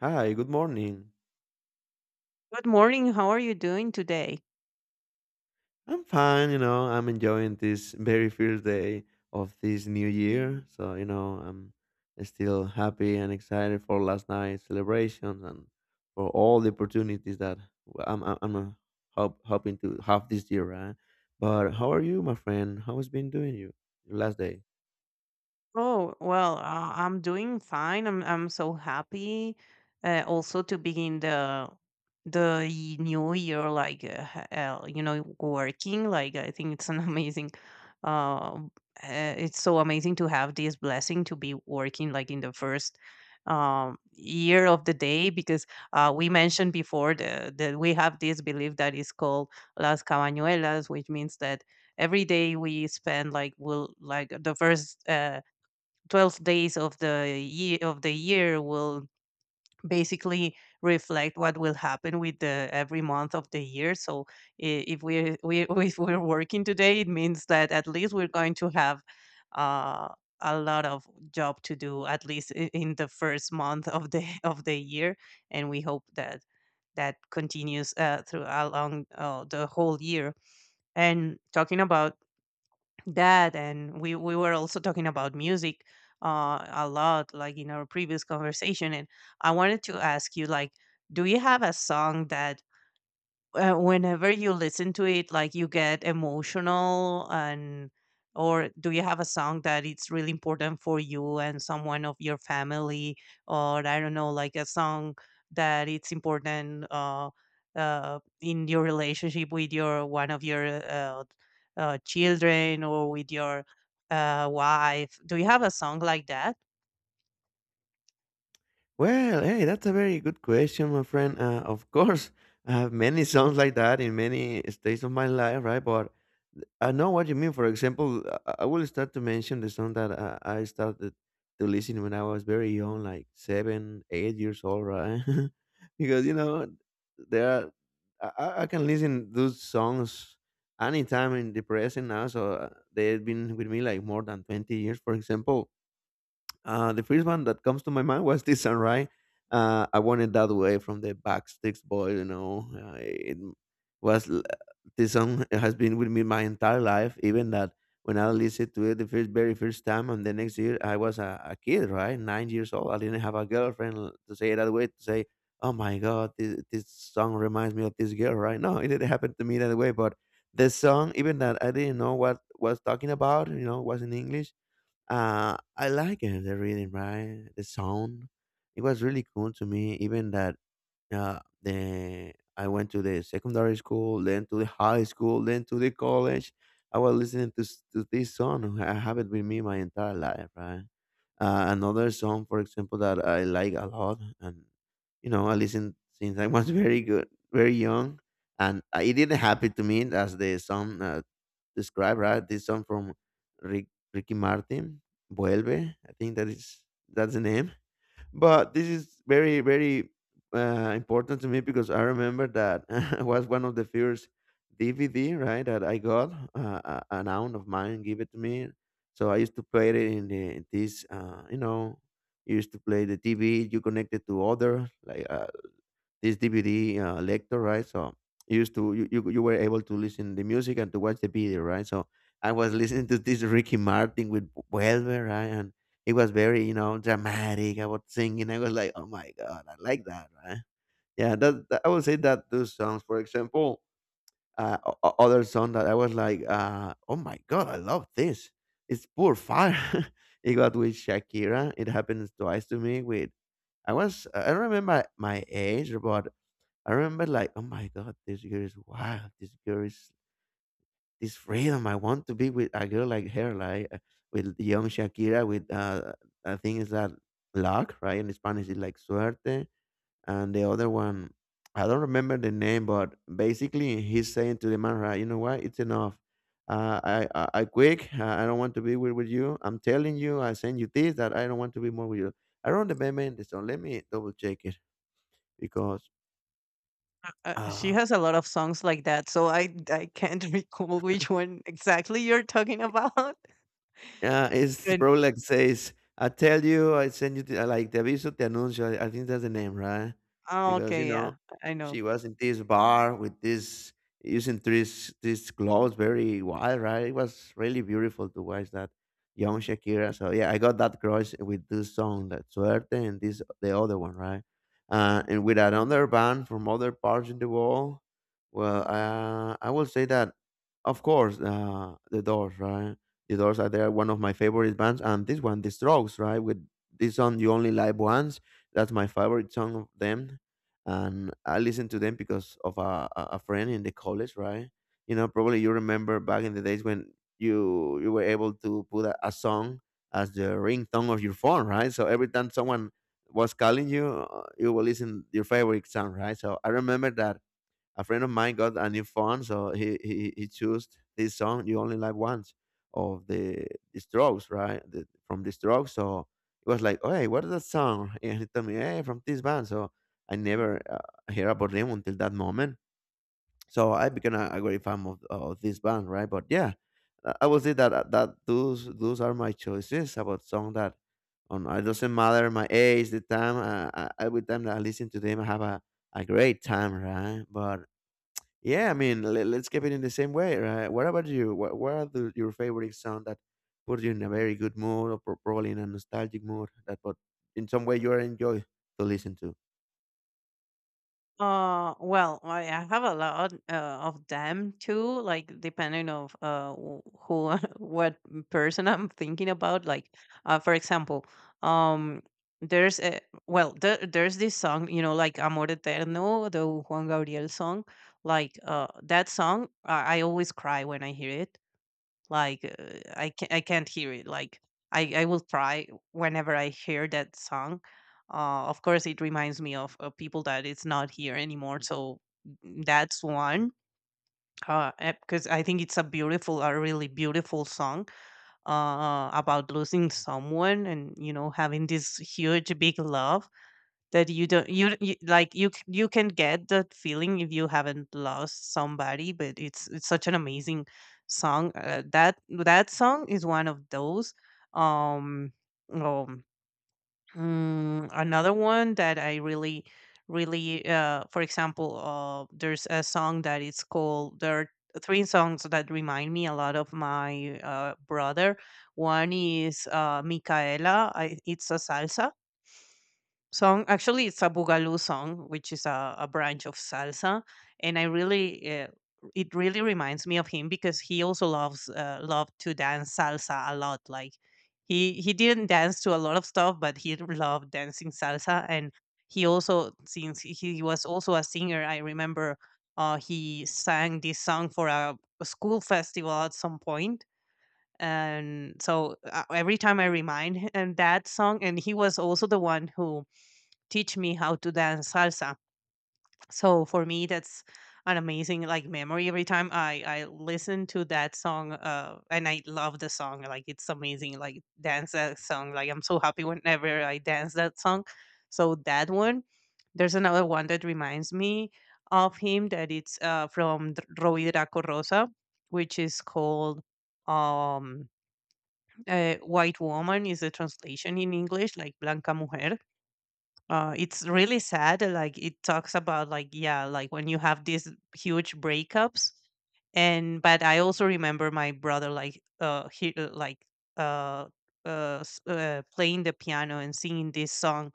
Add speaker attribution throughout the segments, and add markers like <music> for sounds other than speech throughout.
Speaker 1: Hi, good morning.
Speaker 2: Good morning. How are you doing today?
Speaker 1: I'm fine, you know, I'm enjoying this very first day of this new year. So, you know, I'm still happy and excited for last night's celebrations and for all the opportunities that I'm hoping to have this year, right? But how are you, my friend? How has been doing you, your last day?
Speaker 2: Oh, well, I'm doing fine. I'm so happy also to begin the new year like working like I think it's an <laughs> amazing uh, it's so amazing to have this blessing to be working like in the first year of the day because we mentioned before the that we have this belief that is called las cabañuelas, which means that every day we spend like will like the first 12 days of the year will basically reflect what will happen with the every month of the year. So if we <laughs> if we're working today, it means that at least we're going to have uh, a lot of job to do, at least in the first month of the <laughs> of the year, and we hope that that continues through along the whole year. And talking about that, and we were also talking about music a lot, like in our previous conversation. And I wanted to ask you, like, do you have a song that whenever you listen to it, like, you get emotional? And or do you have a song that it's really important for you and someone of your family? Or I don't know, like a song that it's important in your relationship with your one of your children, or with your wife? Do you have a song like that?
Speaker 1: Well, hey, that's a very good question, my friend. Of course, <laughs> I have many songs like that in many stages of my life, right? But I know what you mean. For example, I will start to mention the song that I started to listen when I was very young, like seven, 8 years old, right? <laughs> Because you know, there are, I can listen those songs anytime in the present now. So they've been with me like more than 20 years, for example the first one that comes to my mind was this one, right? I wanted that way from the Backsticks Boy, you know. Was l- this song has been with me my entire life, even that when I listened to it the first, very first time, and the next year I was a kid, right, 9 years old. I didn't have a girlfriend l- To say it that way, to say, "Oh my God, this song reminds me of this girl," right? No, it didn't happen to me that way, but the song, even that I didn't know what was talking about, you know, was in English. I like it, the rhythm, right? The sound. It was really cool to me, even that the I went to the secondary school, then to the high school, then to the college. I was listening to this song. I have it with me my entire life, right? Another song, for example, that I like a lot, and you know, I listened since I was <laughs> very good, very young, and it didn't happen to me as the song described, right? This song from Rick, Ricky Martin, Vuelve. I think that's the name. But this is very very important to me because I remember that <laughs> was one of the first DVD, right, that I got. An aunt of mine gave it to me, so I used to play it in the you know, you used to play the TV. You connected to other like a this DVD lector, right? So you used to you, you you were able to listen the music and to watch the video, right? So I was <laughs> listening to this Ricky Martin with Welver, right? And it was very, you know, dramatic. I was singing. I was like, oh my god, I like that, right? Yeah, I would say that those songs. For example, other song that I was like, oh my god, I love this. It's poor fire. <laughs> It got with Shakira. It happens twice to me with I don't remember my age, but I remember like, oh my god, this girl is wild. This girl is this freedom. I want to be with a girl like her, like with young Shakira. With I think it's that luck, right? In Spanish, it's like suerte, and the other one, I don't remember the name, but basically he's saying to the man, right? You know what? It's enough. I quick. I don't want to be with you. I'm telling you. I send you this that I don't want to be more with you. I don't remember the song. Let me double check it because.
Speaker 2: She
Speaker 1: Uh,
Speaker 2: has a lot of songs like that, so I can't <laughs> recall which one exactly you're talking about. <laughs>
Speaker 1: Yeah, it's
Speaker 2: But
Speaker 1: probably like says, "I tell you, I send you the, like the aviso te anuncio." I think that's the name, right?
Speaker 2: oh,
Speaker 1: Because you
Speaker 2: okay,
Speaker 1: know,
Speaker 2: yeah, I know.
Speaker 1: she was in this bar with this using this this clothes, very wild, right? It was really beautiful to watch that young Shakira. So yeah, I got that crush with this song, that Suerte, and this the other one, right? And with another band from other parts in the world. Well, I will say that, of course, the Doors, right? The Doors are there, one of my favorite bands, and this one, The Strokes, right? With this song, "You Only Live Once," that's my favorite song of them, and I listen to them because of a friend in the college, right? You know, probably you remember back in the days when you you were able to put a song as the ringtone of your phone, right? So every time someone was calling you, you will listen your favorite song, right? So I remember that a friend of mine got a new phone, so he chose this song "You Only Live Once" of the Strokes, right? The, from the Strokes, so it was like, "Oh, hey, what is that song?" <laughs> And he told me, "Hey, from this band." So I never heard about them until that moment. So I became a great fan of this band, right? But yeah, I would say that those are my choices about song that on it doesn't matter my age, the time. Every time that I listen to them, I have a great time, right? But yeah, I mean, let's keep it in the same way, right? What about you? What are the, your favorite song that puts you in a very good mood or probably in a nostalgic mood that but in some way you are enjoy to listen to?
Speaker 2: Well, I have a lot of them too, like depending of who <laughs> what person I'm thinking about. Like, for example, um, there's a, well, there's this song, you know, like Amor Eterno, the Juan Gabriel song. Like, that song, I always cry when I hear it. Like I can, I can't hear it. Like I will cry whenever I hear that song. Of course, it reminds me of people that it's not here anymore. So mm, that's one because I think it's a beautiful, a really beautiful song about losing someone and you know having this huge big love that you don't you you like you can get that feeling if you haven't lost somebody, but it's such an amazing song. That that song is one of those. Um, um, mm, another one that I really, really, for example, there's a song that is called. There are three songs that remind me a lot of my brother. One is Micaela. It's a salsa song. Actually, it's a boogaloo song, which is a branch of salsa, and I really it really reminds me of him because he also loves loved to dance salsa a lot. Like he didn't dance to a lot of stuff, but he loved dancing salsa. And he also, since he was also a singer, I remember. He sang this song for a school festival at some point, and so every time I remind him that song. And he was also the one who teach me how to dance salsa. So for me, that's an amazing like memory every time I listen to that song. And I love the song. Like it's amazing. Like dance that song. Like I'm so happy whenever I dance that song. So that one. There's another one that reminds me of him that it's from Roy Draco Rosa, which is called um White Woman is a translation in English, like Blanca Mujer. Uh, it's really sad. Uh, like it talks about, like, yeah, like when you have these huge breakups, and but I also remember my brother like uh playing the piano and singing this song.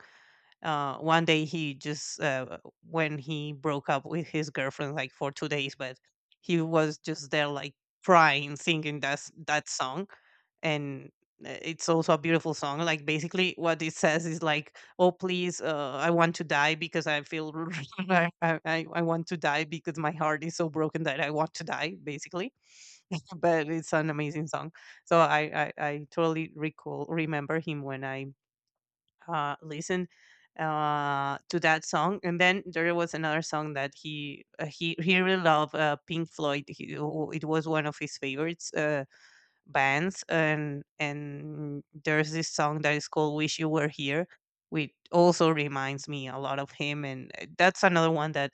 Speaker 2: Uh, one day he just when he broke up with his girlfriend like for 2 days, but he was just there like crying singing that song. And it's also a beautiful song. Like basically what it says is like, oh please, I want to die because I feel <laughs> I want to die because my heart is so broken that I want to die, basically. But it's an amazing song. So I totally recall remember him when I listen to that song. And then there was another song that he really loved Pink Floyd. He, it was one of his favorites. Bands. And there's this song that is called Wish You Were Here, which also reminds me a lot of him. And that's another one that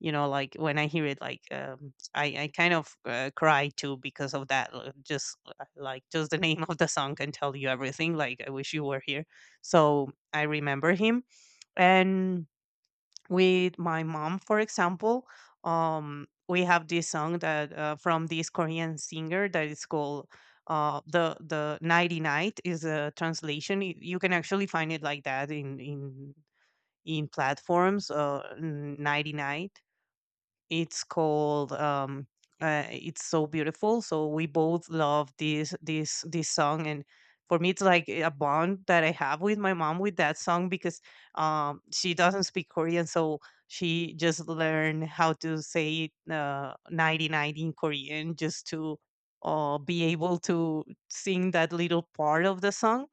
Speaker 2: you know, like, when I hear it, like I kind of cry too, because of that just like, just the <laughs> name of the song can tell you everything, like I wish you were here. So I remember him. And with my mom, for example, we have this song that from this Korean singer that is called the Nighty Night is a translation. You can actually find it like that in in platforms, uh, Nighty Night. It's called "It's So Beautiful." So we both love this this this song, and for me, it's like a bond that I have with my mom with that song because she doesn't speak Korean, so she just learned how to say "90" in Korean just to be able to sing that little part of the song.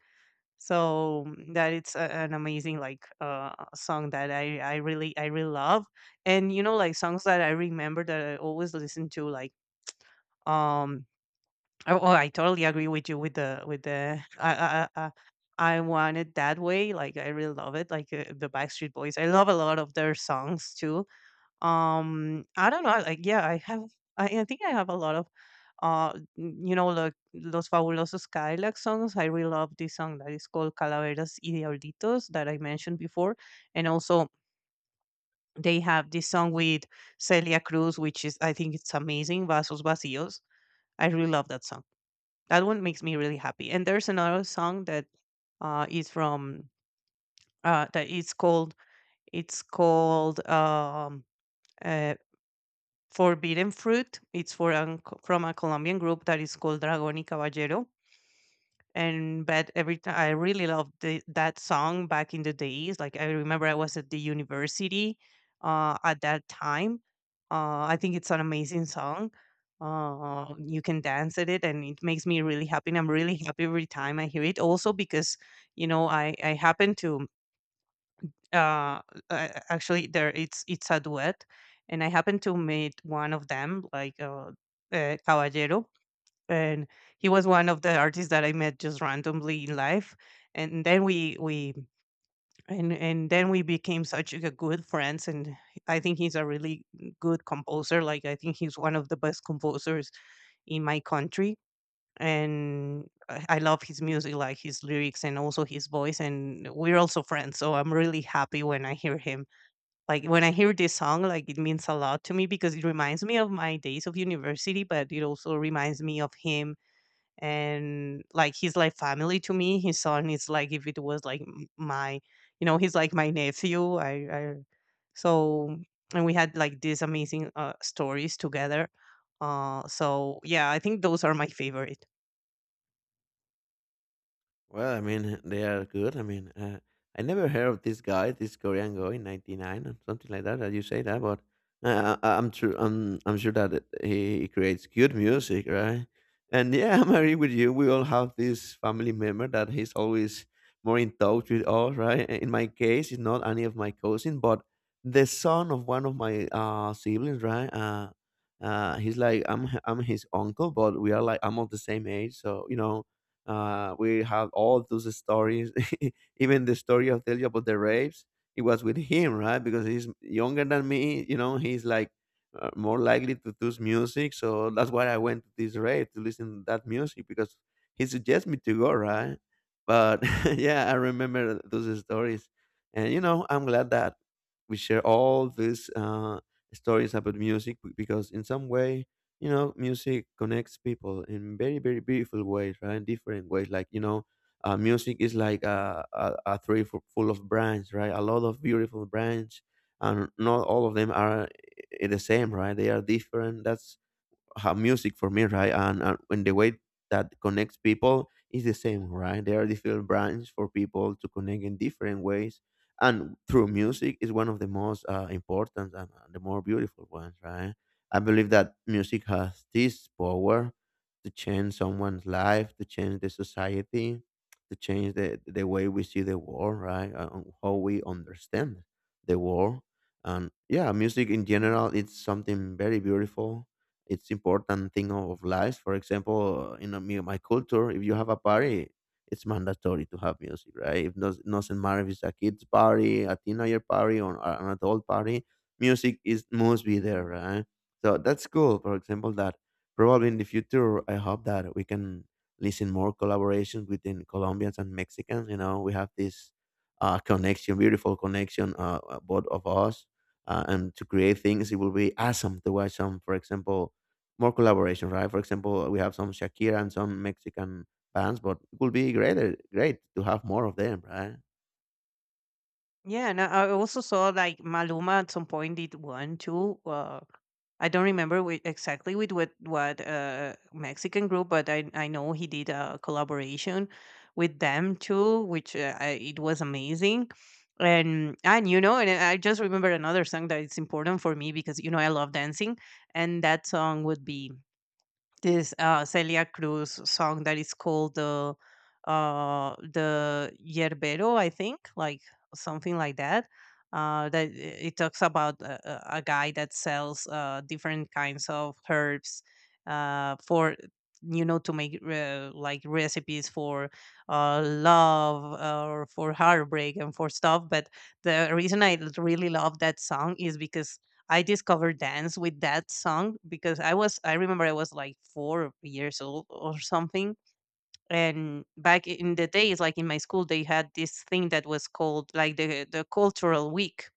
Speaker 2: So mm, that it's a, an amazing like song that I really I really love. And you know, like, songs that I remember that I always listen to, like um oh, oh, I totally agree with you with the <laughs> I want it that way. Like I really love it, like, the Backstreet Boys. I love a lot of their songs too. Um, I don't know, like, yeah, I have, I think I have a lot of, uh, you know, like Los Fabulosos Cadillacs songs. I really love this song that is called Calaveras y Diablitos, that I mentioned before. And also they have this song with Celia Cruz, which is, I think it's amazing, Vasos Vacíos. I really love that song. That one makes me really happy. And there's another song that is from, that is called, it's called, uh, Forbidden Fruit. It's for an, from a Colombian group that is called Dragon y Caballero. And but every time I really loved the, that song back in the days. Like I remember I was at the university at that time. I think it's an amazing song. You can dance at it, and it makes me really happy. And I'm really happy every time I hear it. Also because you know I happen to uh actually there it's a duet, and I happened to meet one of them, like Caballero. And he was one of the artists that I met just randomly in life. And then we and then we became such a good friends. And I think he's a really good composer. Like I think he's one of the best composers in my country. And I love his music, like his lyrics and also his voice. And we're also friends, so I'm really happy when I hear him, like when I hear this song, like it means a lot to me because it reminds me of my days of university, but it also reminds me of him. And like he's like family to me. His son is like if it was like my, you know, he's like my nephew. I So and we had like these amazing stories together. So yeah, I think those are my favorite.
Speaker 1: Well, I mean, <laughs> they are good. I mean, I never heard of this guy, this Korean guy in '99 or something like that. That you say that, but am true. I'm sure that he creates good music, right? And yeah, <laughs> I'm agree with you. We all have this family member that he's always more in touch with us, right? In my case, it's not any of my cousin, but the son of one of my siblings, right? He's like I'm his uncle, but we are like I'm of the same age, so you know we have all those stories, <laughs> even the story of tell you about the rapes. It was with him, right? Because he's younger than me. You know, he's like more likely to choose music. So that's why I went to this rave to listen to that music because he suggested me to go, right? But <laughs> yeah, I remember those stories, and you know, I'm glad that we share all these stories about music because in some way you know music connects people in very very beautiful ways, right, different ways, like, you know, music is like a tree full of branches, right, a lot of beautiful branches, and not all of them are the same, right, they are different, that's how music for me, right? And when the way that connects people is the same, right? There are different brands for people to connect in different ways, and through music is one of the most important and the more beautiful ones, right? I believe that music has this power to change someone's life, to change the society, to change the way we see the world, right? And how we understand the world. And yeah, music in general, it's something very beautiful, it's important thing of life. For example, in my culture, if you have a party, it's mandatory to have music, right? If doesn't matter if it's a kid's party, a teenager party, or an adult party, music is must be there, right? So that's cool. For example, that probably in the future, I hope that we can listen more collaborations within Colombians and Mexicans. You know, we have this connection, beautiful connection, both of us. And to create things, it will be awesome to watch some, for example, more collaboration, right? For example, we have some Shakira and some Mexican bands, but it would be great to have more of them, right?
Speaker 2: Yeah, and I also saw like Maluma at some point did one too. I don't remember exactly with what Mexican group, but I know he did a collaboration with them too, which it was amazing. And you know, and I just remember another song that it's important for me because you know I love dancing. And that song would be this Celia Cruz song that is called the Yerbero, I think, like something like that. That it talks about a guy that sells different kinds of herbs for, you know, to make like recipes for love or for heartbreak and for stuff. But the reason I really love that song is because I discovered dance with that song. Because I remember I was like 4 years old or something. And back in the days, like in my school, they had this thing that was called like the cultural week.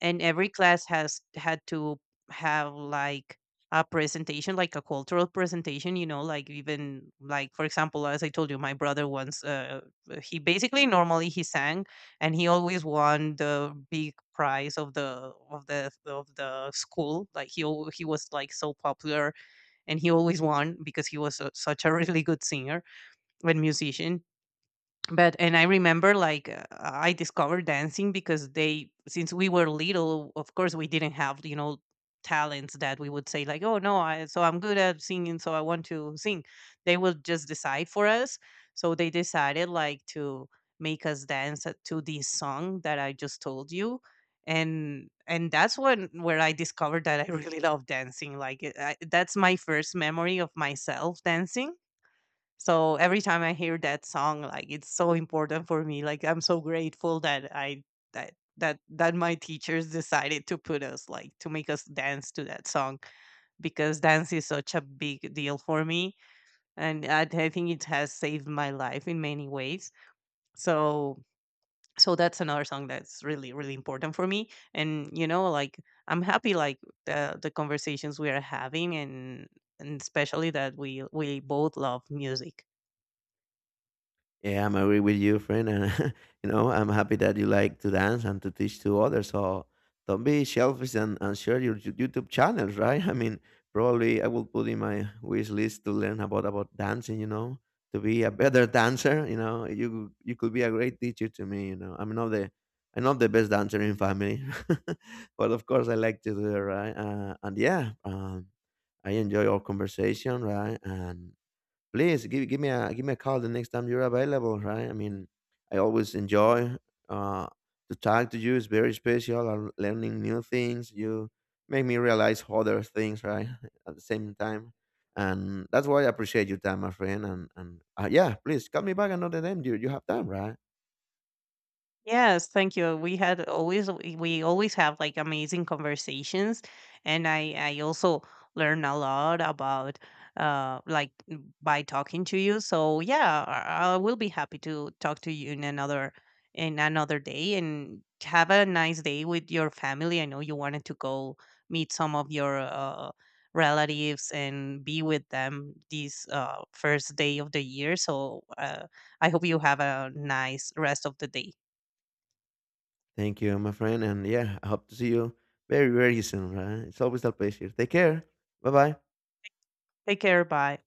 Speaker 2: And every class has had to have like a presentation, like a cultural presentation, you know, like even like, for example, as I told you, my brother, once, he basically normally he sang, and he always won the big prize of the of the school. Like he was like so popular, and he always won because he was a, such a really good singer and musician. But and I remember like I discovered dancing because they, since we were little, of course we didn't have you know talents that we would say, like, oh no, I'm good at singing, so I want to sing. They would just decide for us. So they decided like to make us dance to this song that I just told you. And that's when where I discovered that I <laughs> really love dancing, like that's my first memory of myself dancing. So every time I hear that song, like it's so important for me. Like I'm so grateful that I that my teachers decided to put us like to make us dance to that song, because dance is such a big deal for me. And I think it has saved my life in many ways. So that's another song that's really really important for me. And you know, like, I'm happy, like, the conversations we are having, and especially that we both love music.
Speaker 1: Yeah, I'm agree with you, friend. And <laughs> you know, I'm happy that you like to dance and to teach to others. So don't be selfish and share your YouTube channels, right? <laughs> I mean, probably I will put in my wish list to learn about dancing. You know, to be a better dancer. You know, you could be a great teacher to me. You know, I'm not the best dancer in family, <laughs> but of course I like to do it, right? And yeah, I enjoy our conversation, right? And please give me a call the next time you're available, right? I mean, I always enjoy uh, to talk to you. It's very special. I'm learning new things. You make me realize other things, right? <laughs> At the same time, and that's why I appreciate your time, my friend. And yeah, please call me back another time. You have time, right?
Speaker 2: Yes, thank you. We had always we always have like amazing conversations. And I also learn a lot about by talking to you. So yeah, I will be happy to talk to you in another, in another day, and have a nice day with your family. I know you wanted to go meet some of your relatives and be with them this first day of the year. So I hope you have a nice rest of the day.
Speaker 1: Thank you, my friend. And yeah, I hope to see you very very soon, right? It's always a pleasure. Take care. Bye bye.
Speaker 2: Take care. Bye.